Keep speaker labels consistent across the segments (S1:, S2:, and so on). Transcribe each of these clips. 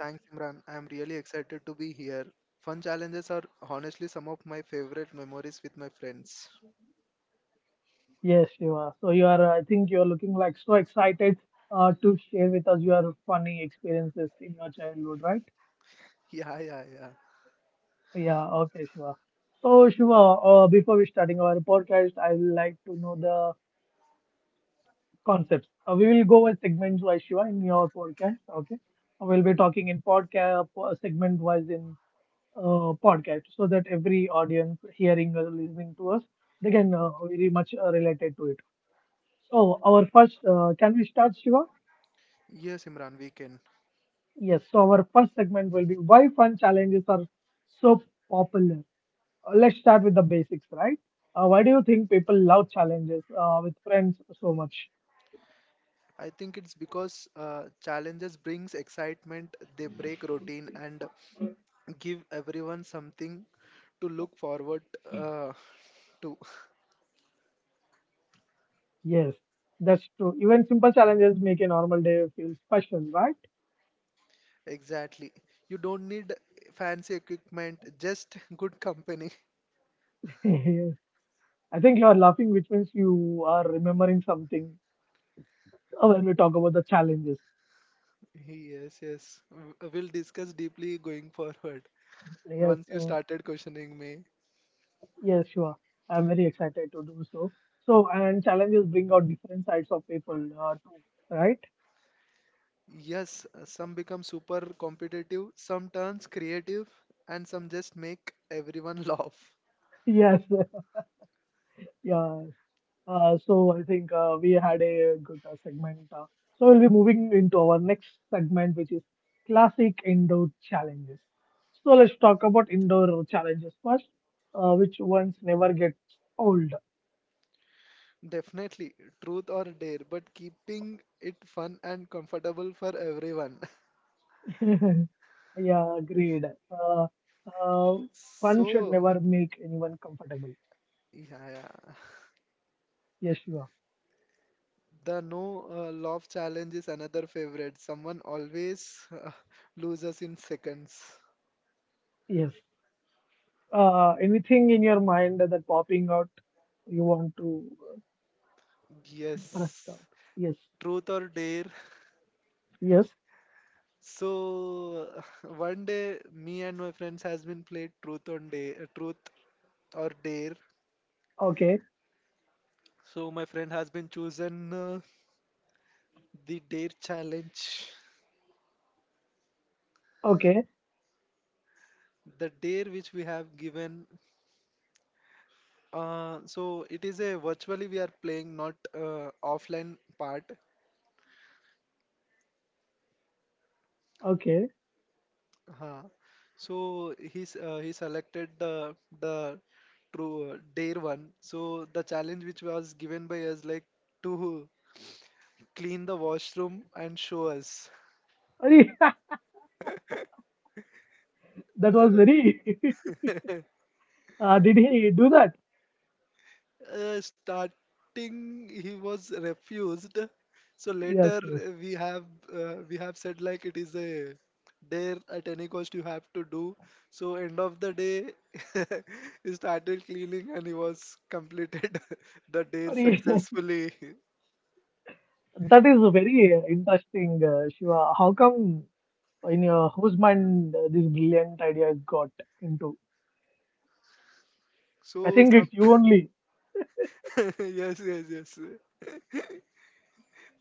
S1: Thanks, Imran. I'm really excited to be here. Fun challenges are honestly some of my favorite memories with my friends.
S2: Yes, Shiva. So you are, I think you are looking like so excited to share with us your funny experiences in your childhood, right?
S1: Yeah, yeah, yeah.
S2: Yeah. Okay, Shiva. So Shiva, before we starting our podcast, I would like to know the concepts. We will go with segments wise, Shiva, in your podcast. Okay, we'll be talking in podcast segment wise in podcast, so that every audience hearing or listening to us they can very much related to it. So our first, can we start, Shiva?
S1: Yes, Imran, we can.
S2: Yes. So our first segment will be why fun challenges are so popular. Let's start with the basics, right? Why do you think people love challenges with friends so much?
S1: I think it's because challenges brings excitement, they break routine and give everyone something to look forward uh, to.
S2: Yes, that's true. Even simple challenges make a normal day feel special, right?
S1: Exactly. You don't need fancy equipment, just good company.
S2: Yes. I think you are laughing, which means you are remembering something when we talk about the challenges.
S1: Yes, yes. We'll discuss deeply going forward.
S2: Yes,
S1: Once you started questioning me.
S2: yes, you are. I'm very excited to do so. So, and challenges bring out different sides of people, too, right?
S1: Yes, some become super competitive, some turns creative, and some just make everyone laugh.
S2: Yes, yeah. So I think we had a good segment. So we'll be moving into our next segment, which is classic indoor challenges. So let's talk about indoor challenges first, which ones never get old.
S1: Definitely, truth or dare, but keeping it fun and comfortable for everyone.
S2: Yeah, agreed. Uh, uh, Fun should
S1: So,
S2: never make anyone comfortable.
S1: yeah, yeah.
S2: Yes, you are.
S1: The no love challenge is another favorite. Someone always loses in seconds.
S2: Yes. Anything in your mind that popping out you want to press
S1: Yes,
S2: out? Yes.
S1: truth or dare.
S2: Yes.
S1: So one day, me and my friends has been played truth on day, truth or dare.
S2: Okay.
S1: So my friend has been chosen the dare challenge.
S2: Okay.
S1: The dare which we have given. So it is a virtually we are playing not offline part.
S2: Okay.
S1: Huh. So he's he selected the true dare one. So the challenge which was given by us like to clean the washroom and show us.
S2: Sorry, that was very. Did he do that?
S1: Starting he was refused. So
S2: Yes,
S1: later
S2: yes.
S1: uh, we have we have said like it is a dare at any cost you have to do. So end of the day he started cleaning and he was completed the dare
S2: Sorry,
S1: successfully.
S2: that is very interesting, Shiva. How come in your husband this brilliant idea got into? I
S1: So
S2: think
S1: some
S2: it's you only.
S1: yes, yes, yes,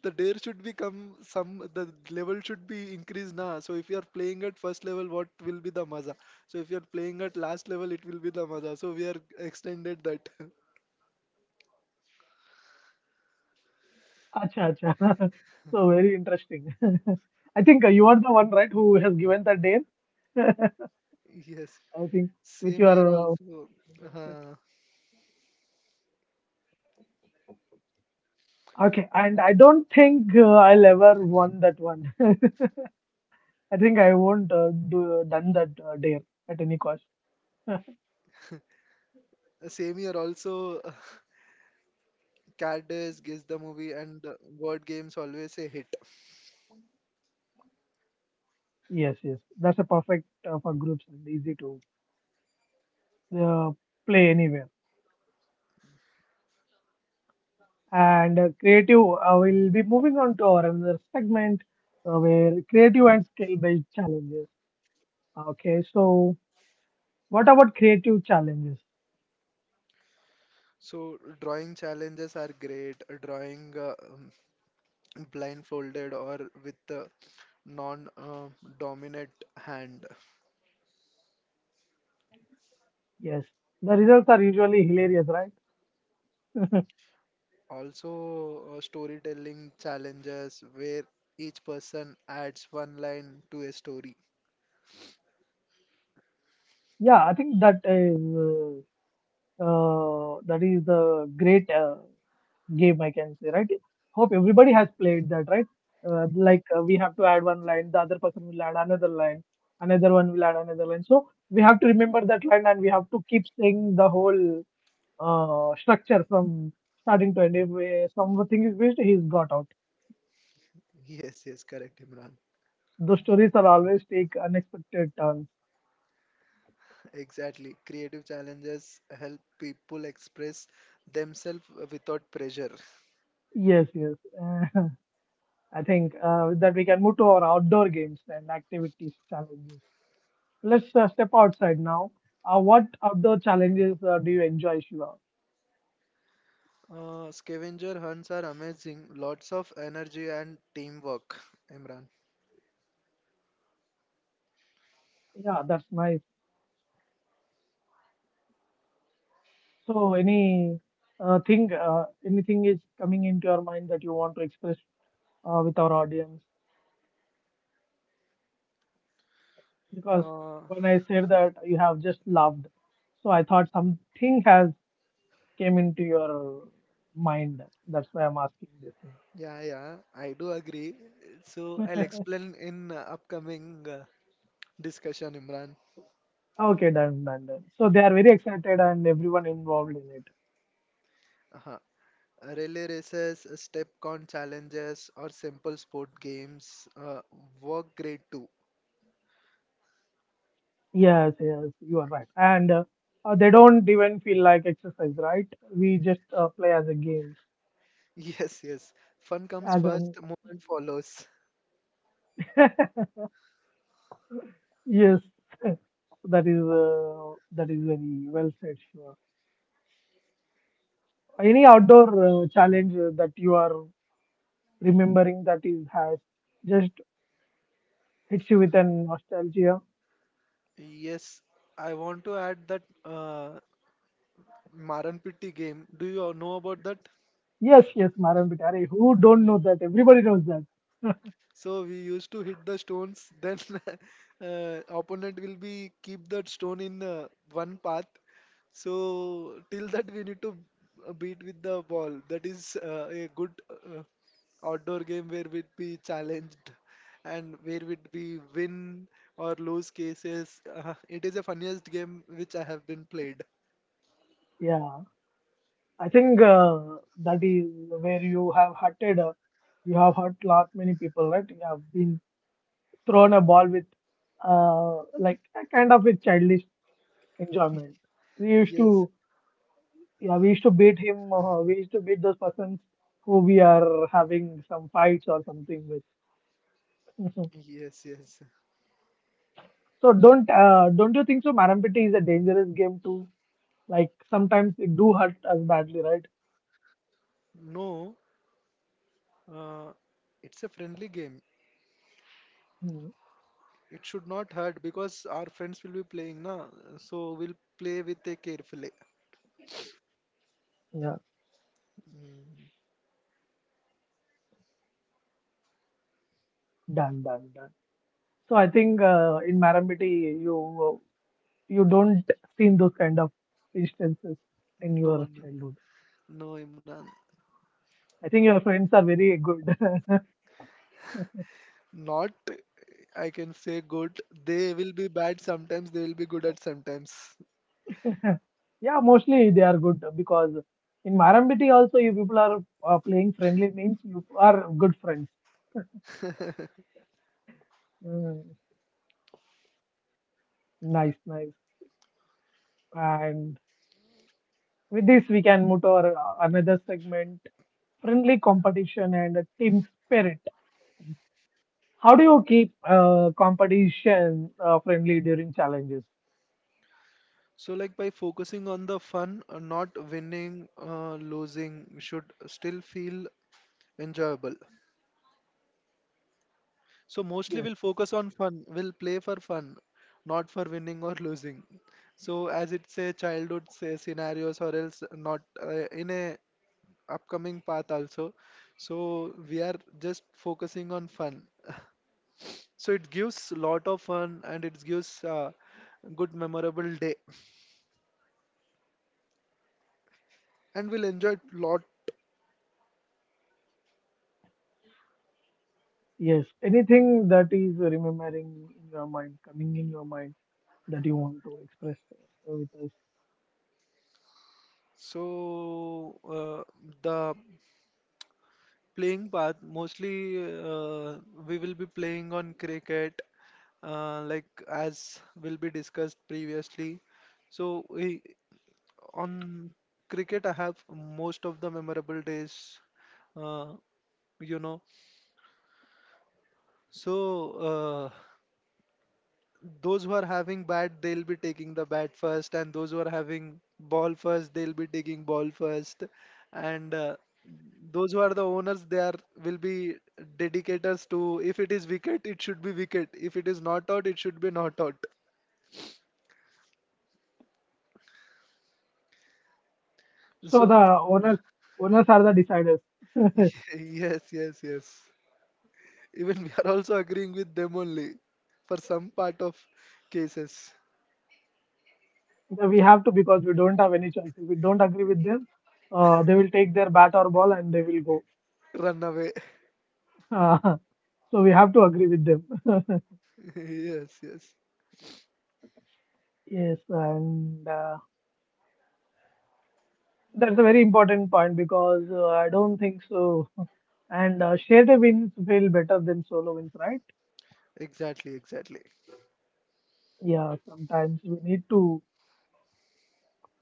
S1: the dare should become some the level should be increased now. So if you are playing at first level, what will be the maza? So if you are playing at last level, it will be the maza. So we are extended that.
S2: Acha, acha. So very interesting. I think you are the one, right, who has given that name. I
S1: Yes,
S2: think with
S1: same
S2: your
S1: year also.
S2: mindset.
S1: Uh,
S2: Okay, and I don't think I'll ever won that one. I think I won't do done that dare at any cost.
S1: Same year also. Cat days, guess the movie, and word games always a hit.
S2: Yes, yes, that's a perfect for groups and easy to uh, play anywhere. And creative, we'll be moving on to our another segment where creative and skill based challenges. Okay, so what about creative challenges?
S1: So drawing challenges are great. Drawing blindfolded or with the non-dominant hand
S2: Yes, the results are usually hilarious, right?
S1: also storytelling challenges where each person adds one line to a story.
S2: Yeah, I think that is the great. Game I can say, right? Hope everybody has played that, right? Like, we have to add one line, the other person will add another line, another one will add another line, so we have to remember that line and we have to keep saying the whole structure from starting to end. If something is missed, he's got out.
S1: Yes, yes, correct, Imran.
S2: Those stories are always take unexpected turns.
S1: Exactly. Creative challenges help people express themselves without pressure.
S2: Yes, yes. I think that we can move to our outdoor games and activities challenges. Let's step outside now. What outdoor challenges do you enjoy, Shiva?
S1: Scavenger hunts are amazing. Lots of energy and teamwork, Imran.
S2: Yeah, that's nice. So, any thing, anything is coming into your mind that you want to express with our audience? Because
S1: Uh,
S2: when I said that, you have just loved. So I thought something has came into your mind. That's why I'm asking this thing.
S1: yeah, yeah, I do agree. So I'll explain in upcoming discussion, Imran.
S2: Okay, done, done, done. So they are very excited and everyone involved in it.
S1: Uh-huh. Relay races, step count challenges, or simple sport games work great too.
S2: Yes, yes, you are right. And they don't even feel like exercise, right? We just play as a game,
S1: Yes, yes. Fun comes
S2: as
S1: first,
S2: an
S1: movement follows.
S2: yes. That is very well said. Shiva. Any outdoor challenge that you are remembering that is has just hits you with an nostalgia?
S1: Yes, I want to add that Maran Pitti game. Do you all know about that?
S2: Yes, yes, Maran Bitare. Who don't know that? Everybody knows that.
S1: So we used to hit the stones. Then opponent will be keep that stone in one path. So till that we need to beat with the ball. That is a good outdoor game where we'd be challenged and where we'd be win or lose cases. It is a funniest game which I have been played.
S2: Yeah. I think that is where you have hurted. You have hurt lot many people, right? You have been thrown a ball with, like a kind of with childish enjoyment. We used
S1: Yes,
S2: to, yeah, we used to beat him. We used to beat those persons who we are having some fights or something with.
S1: yes, yes.
S2: So don't you think so? Marampiti is a dangerous game too. Like sometimes it do hurt us badly, right?
S1: No, uh, it's a friendly game.
S2: Hmm.
S1: It should not hurt because our friends will be playing, na? So we'll play with a carefully.
S2: Yeah.
S1: Mm,
S2: Done, done, done. So I think in Maramiti you don't seen those kind of instances in your
S1: No, no,
S2: childhood.
S1: no, Imran.
S2: I think your friends are very good.
S1: Not, I can say good. They will be bad sometimes, they will be good at sometimes.
S2: Yeah, mostly they are good because in Marambiti also you people are playing friendly means you are good friends. Mm, nice, nice. And with this we can move to our another segment: friendly competition and a team spirit. How do you keep competition friendly during challenges?
S1: So, like by focusing on the fun, not winning, losing should still feel enjoyable. So mostly
S2: Yes.
S1: we'll focus on fun. We'll play for fun, not for winning or losing. So as it's a childhood say, scenarios or else not in a upcoming path also. So we are just focusing on fun. So it gives lot of fun and it gives good memorable day and we'll enjoy it lot.
S2: Yes, anything that is remembering in your mind, coming in your mind that you want to express with us.
S1: So uh, the playing path mostly we will be playing on cricket like as will be discussed previously so we, on cricket I have most of the memorable days uh, you know so uh, those who are having bat, they'll be taking the bat first, and those who are having ball first, they'll be taking ball first, and those who are the owners, they are will be dedicators to if it is wicket, it should be wicket. If it is not out, it should be not out.
S2: So
S1: So
S2: the owners, owners are the deciders.
S1: yes, yes, yes. Even we are also agreeing with them only for some part of cases.
S2: We have to because we don't have any choice. If we don't agree with them, they will take their bat or ball and they will go.
S1: Run away.
S2: So we have to agree with them.
S1: Yes, yes.
S2: Yes, and that's a very important point because I don't think so. And shared wins feel better than solo wins, right?
S1: Exactly, exactly.
S2: Yeah, sometimes we need to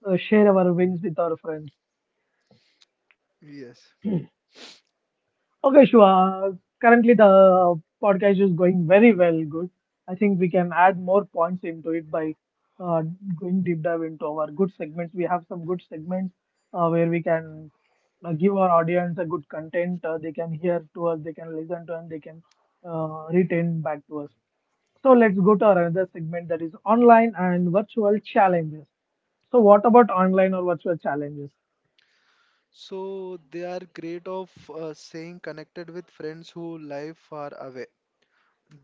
S2: share our wins with our friends.
S1: Yes.
S2: Okay, Shua, currently the podcast is going very well, good. I think we can add more points into it by uh, going deep dive into our good segments. We have some good segments where we can give our audience a good content. They can hear to us, they can listen to us, they can retain back to us. So let's go to our another segment that is online and virtual challenges. So what about online or virtual challenges?
S1: So they are great of staying connected with friends who live far away.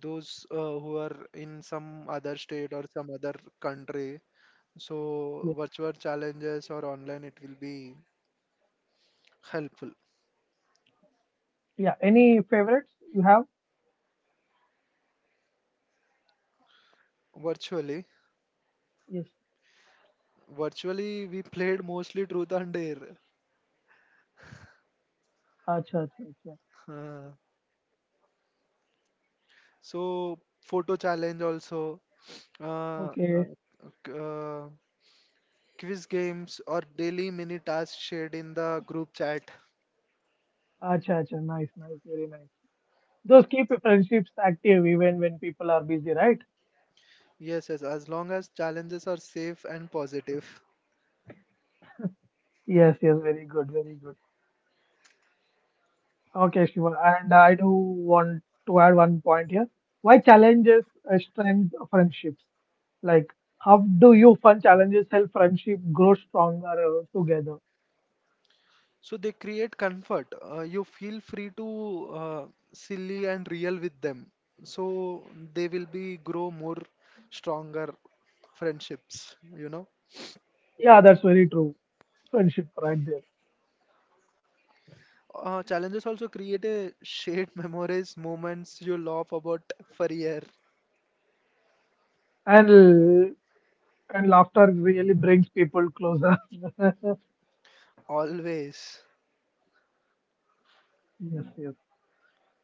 S1: Those who are in some other state or some other country. So virtual challenges or online, it will be helpful.
S2: Yeah, any favorites you have?
S1: Virtually,
S2: Yes.
S1: virtually we played mostly Truth and Dare.
S2: Acha, acha, acha.
S1: Uh, so photo challenge also, uh,
S2: Okay.
S1: uh, c- uh, quiz games or daily mini tasks shared in the group chat.
S2: Acha, acha. Nice, nice, very nice. Those keep friendships active even when people are busy, right?
S1: Yes, yes, as long as challenges are safe and positive.
S2: Yes, yes, very good, very good. Okay, Shiva. And I do want to add one point here. Why challenges strengthen friendships? Like, how do you fun challenges help friendship grow stronger together?
S1: So they create comfort. You feel free to silly and real with them. So they will be grow more stronger friendships, you know.
S2: Yeah, that's very true. Friendship right there.
S1: Challenges also create a shared memories, moments you laugh about for year,
S2: And and laughter really brings people closer. Yes,
S1: always.
S2: yes.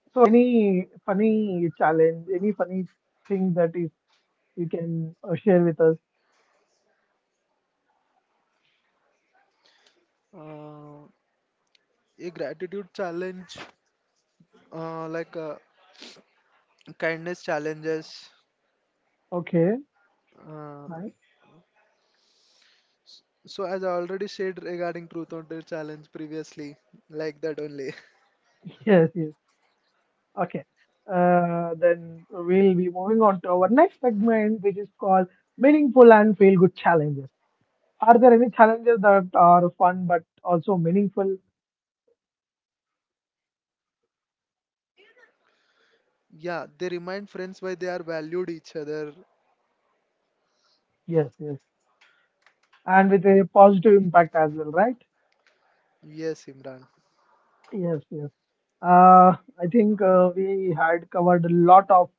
S2: So any funny challenge, any funny thing that is you can share with us?
S1: Uh, a gratitude challenge, like kindness challenges,
S2: Okay,
S1: uh,
S2: nice.
S1: so as I already said regarding truth or dare challenge previously, like that only.
S2: Yes, yes. Okay. Then we'll be moving on to our next segment, which is called meaningful and feel good challenges. Are there any challenges that are fun but also meaningful?
S1: Yeah, they remind friends why they are valued each other.
S2: Yes, yes. And with a positive impact as well, right?
S1: Yes, Imran.
S2: Yes, yes. Uh, I think we had covered a lot of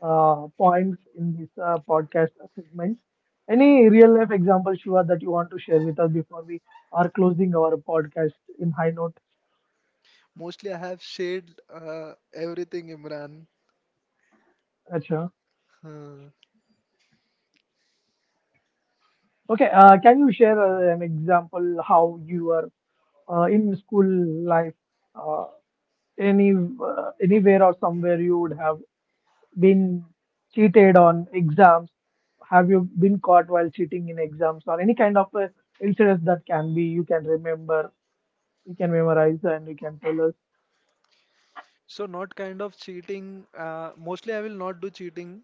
S2: points in this podcast segments. Any real life example, Shiva, that you want to share with us before we are closing our podcast in high note?
S1: Mostly I have shared everything, Imran.
S2: Acha.
S1: Hmm.
S2: Okay, can you share an example how you were in school life, uh, any anywhere or somewhere you would have been cheated on exams? Have you been caught while cheating in exams or any kind of incidents that can be you can remember, you can memorize, and you can tell
S1: So not kind of cheating. Mostly I will not do cheating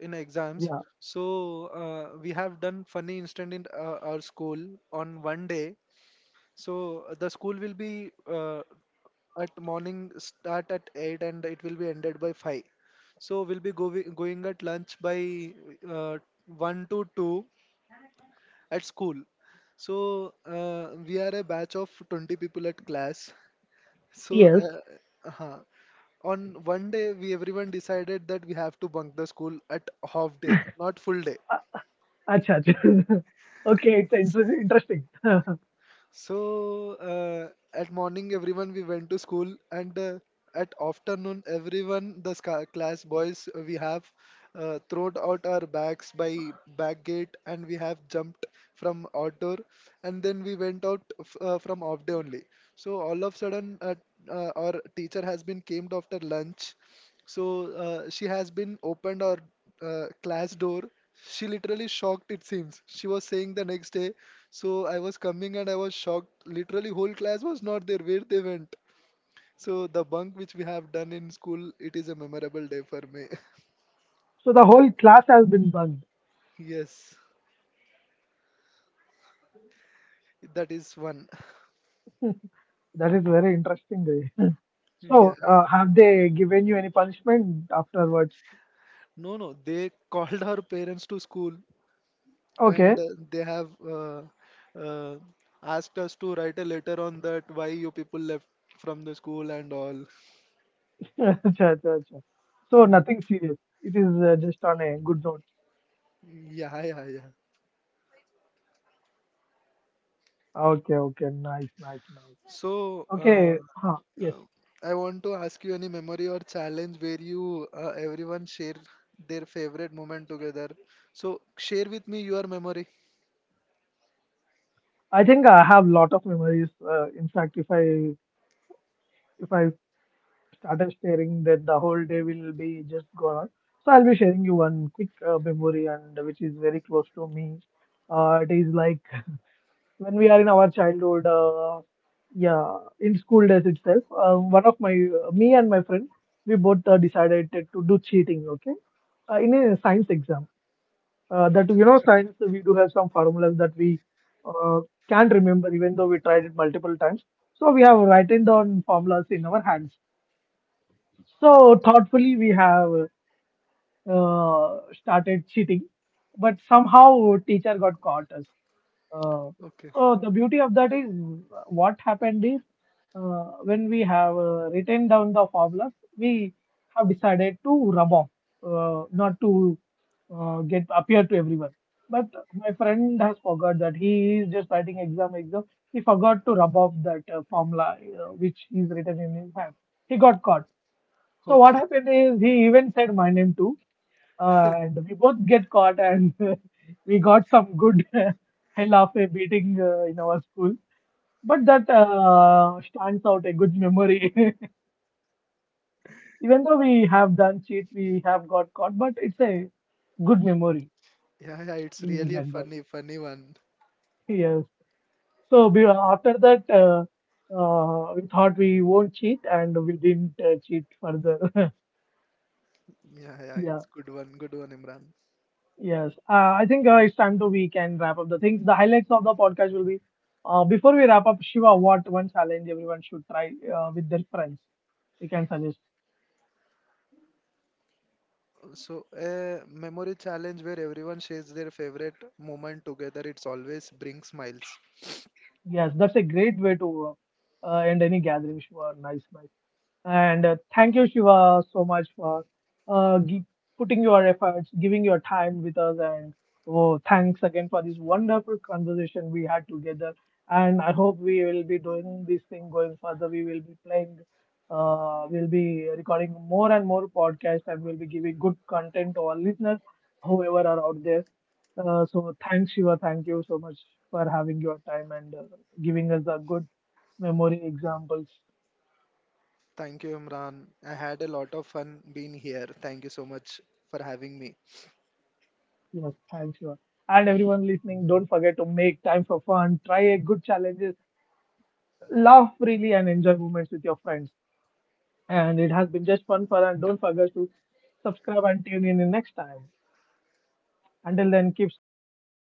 S1: in exams.
S2: us?
S1: So we have done funny incident in our school on one day. So the school will be at morning start at 8 and it will be ended by 5. So we'll be going at lunch by uh, 1 to 2 at school. So we are a batch of 20 people at class. So
S2: Yes.
S1: uh, on one day we everyone decided that we have to bunk the school at half day, not full day.
S2: Uh, Acha, acha. Okay, it's interesting. So
S1: So at morning, everyone we went to school, and at afternoon, everyone the class boys we have thrown out our bags by back gate, and we have jumped from outdoor, and then we went out from off day only. So all of sudden, our teacher has been came after lunch, so she has been opened our class door. She literally shocked, it seems. She was saying the next day. So I was coming and I was shocked. Literally, whole class was not there where they went. So the bunk which we have done in school, it is a memorable day for me.
S2: the whole class has been bugged.
S1: Yes, that is one.
S2: That is very interesting. Ray.
S1: Yeah.
S2: So have they given you any punishment afterwards?
S1: No, no, they called our parents to school
S2: Okay.
S1: and they have uh, asked us to write a letter on that why you people left from the school and all.
S2: Acha, acha, acha. So
S1: Mm.
S2: nothing serious. It is just on a good note.
S1: Yeah, yeah, yeah.
S2: Okay, okay, nice, nice, nice.
S1: So,
S2: Okay, huh, yes.
S1: I want to ask you any memory or challenge where you everyone share their favorite moment together. So, share with me your memory.
S2: I think I have lot of memories. In fact, if I started staring, then the whole day will be just gone. So I'll be sharing you one quick memory and which is very close to me. It is like when we are in our childhood, yeah, in school days itself. One of my, me and my friend, we both decided to do cheating. Okay, in a science exam. That you know, science we do have some formulas that we uh, can't remember even though we tried it multiple times. So we have written down formulas in our hands so thoughtfully, we have started cheating, but somehow teacher got caught us. Uh,
S1: Okay,
S2: so the beauty of that is what happened is when we have written down the formulas, we have decided to rub off, not to get appear to everyone. But my friend has forgot that he is just writing exam. He forgot to rub off that formula which is written in his hand. He got caught. So what
S1: okay.
S2: happened is he even said my name too, and we both get caught, and we got some good hell of a beating in our school. But that stands out a good memory. Even though we have done cheat, we have got caught, but it's a good memory
S1: Yeah, yeah, it's
S2: in
S1: really a
S2: general.
S1: funny, funny one.
S2: Yes. So we, after that, we thought we won't cheat, and we didn't cheat further.
S1: Yeah, yeah,
S2: Yeah.
S1: it's good one, Imran.
S2: Yes, I think it's time to we can wrap up the things. The highlights of the podcast will be before we wrap up, Shiva, what one challenge everyone should try with their friends? You can suggest.
S1: So, a memory challenge where everyone shares their favorite moment together. It's always bring smiles.
S2: Yes, that's a great way to end any gathering, Shiva. Nice, nice. And thank you, Shiva, so much for uh, gi- putting your efforts, giving your time with us. And oh, thanks again for this wonderful conversation we had together. And I hope we will be doing this thing going further. We will be playing, we'll be recording more and more podcasts, and we'll be giving good content to our listeners, whoever are out there. So thanks, Shiva. Thank you so much for having your time and giving us a good memory examples.
S1: Thank you, Imran. I had a lot of fun being here. Thank you so much for having me.
S2: Yes, thanks, Shiva. And everyone listening, don't forget to make time for fun, try a good challenges, laugh freely, and enjoy moments with your friends. And it has been just fun for and don't forget to subscribe and tune in next time. Until then, keep smiling and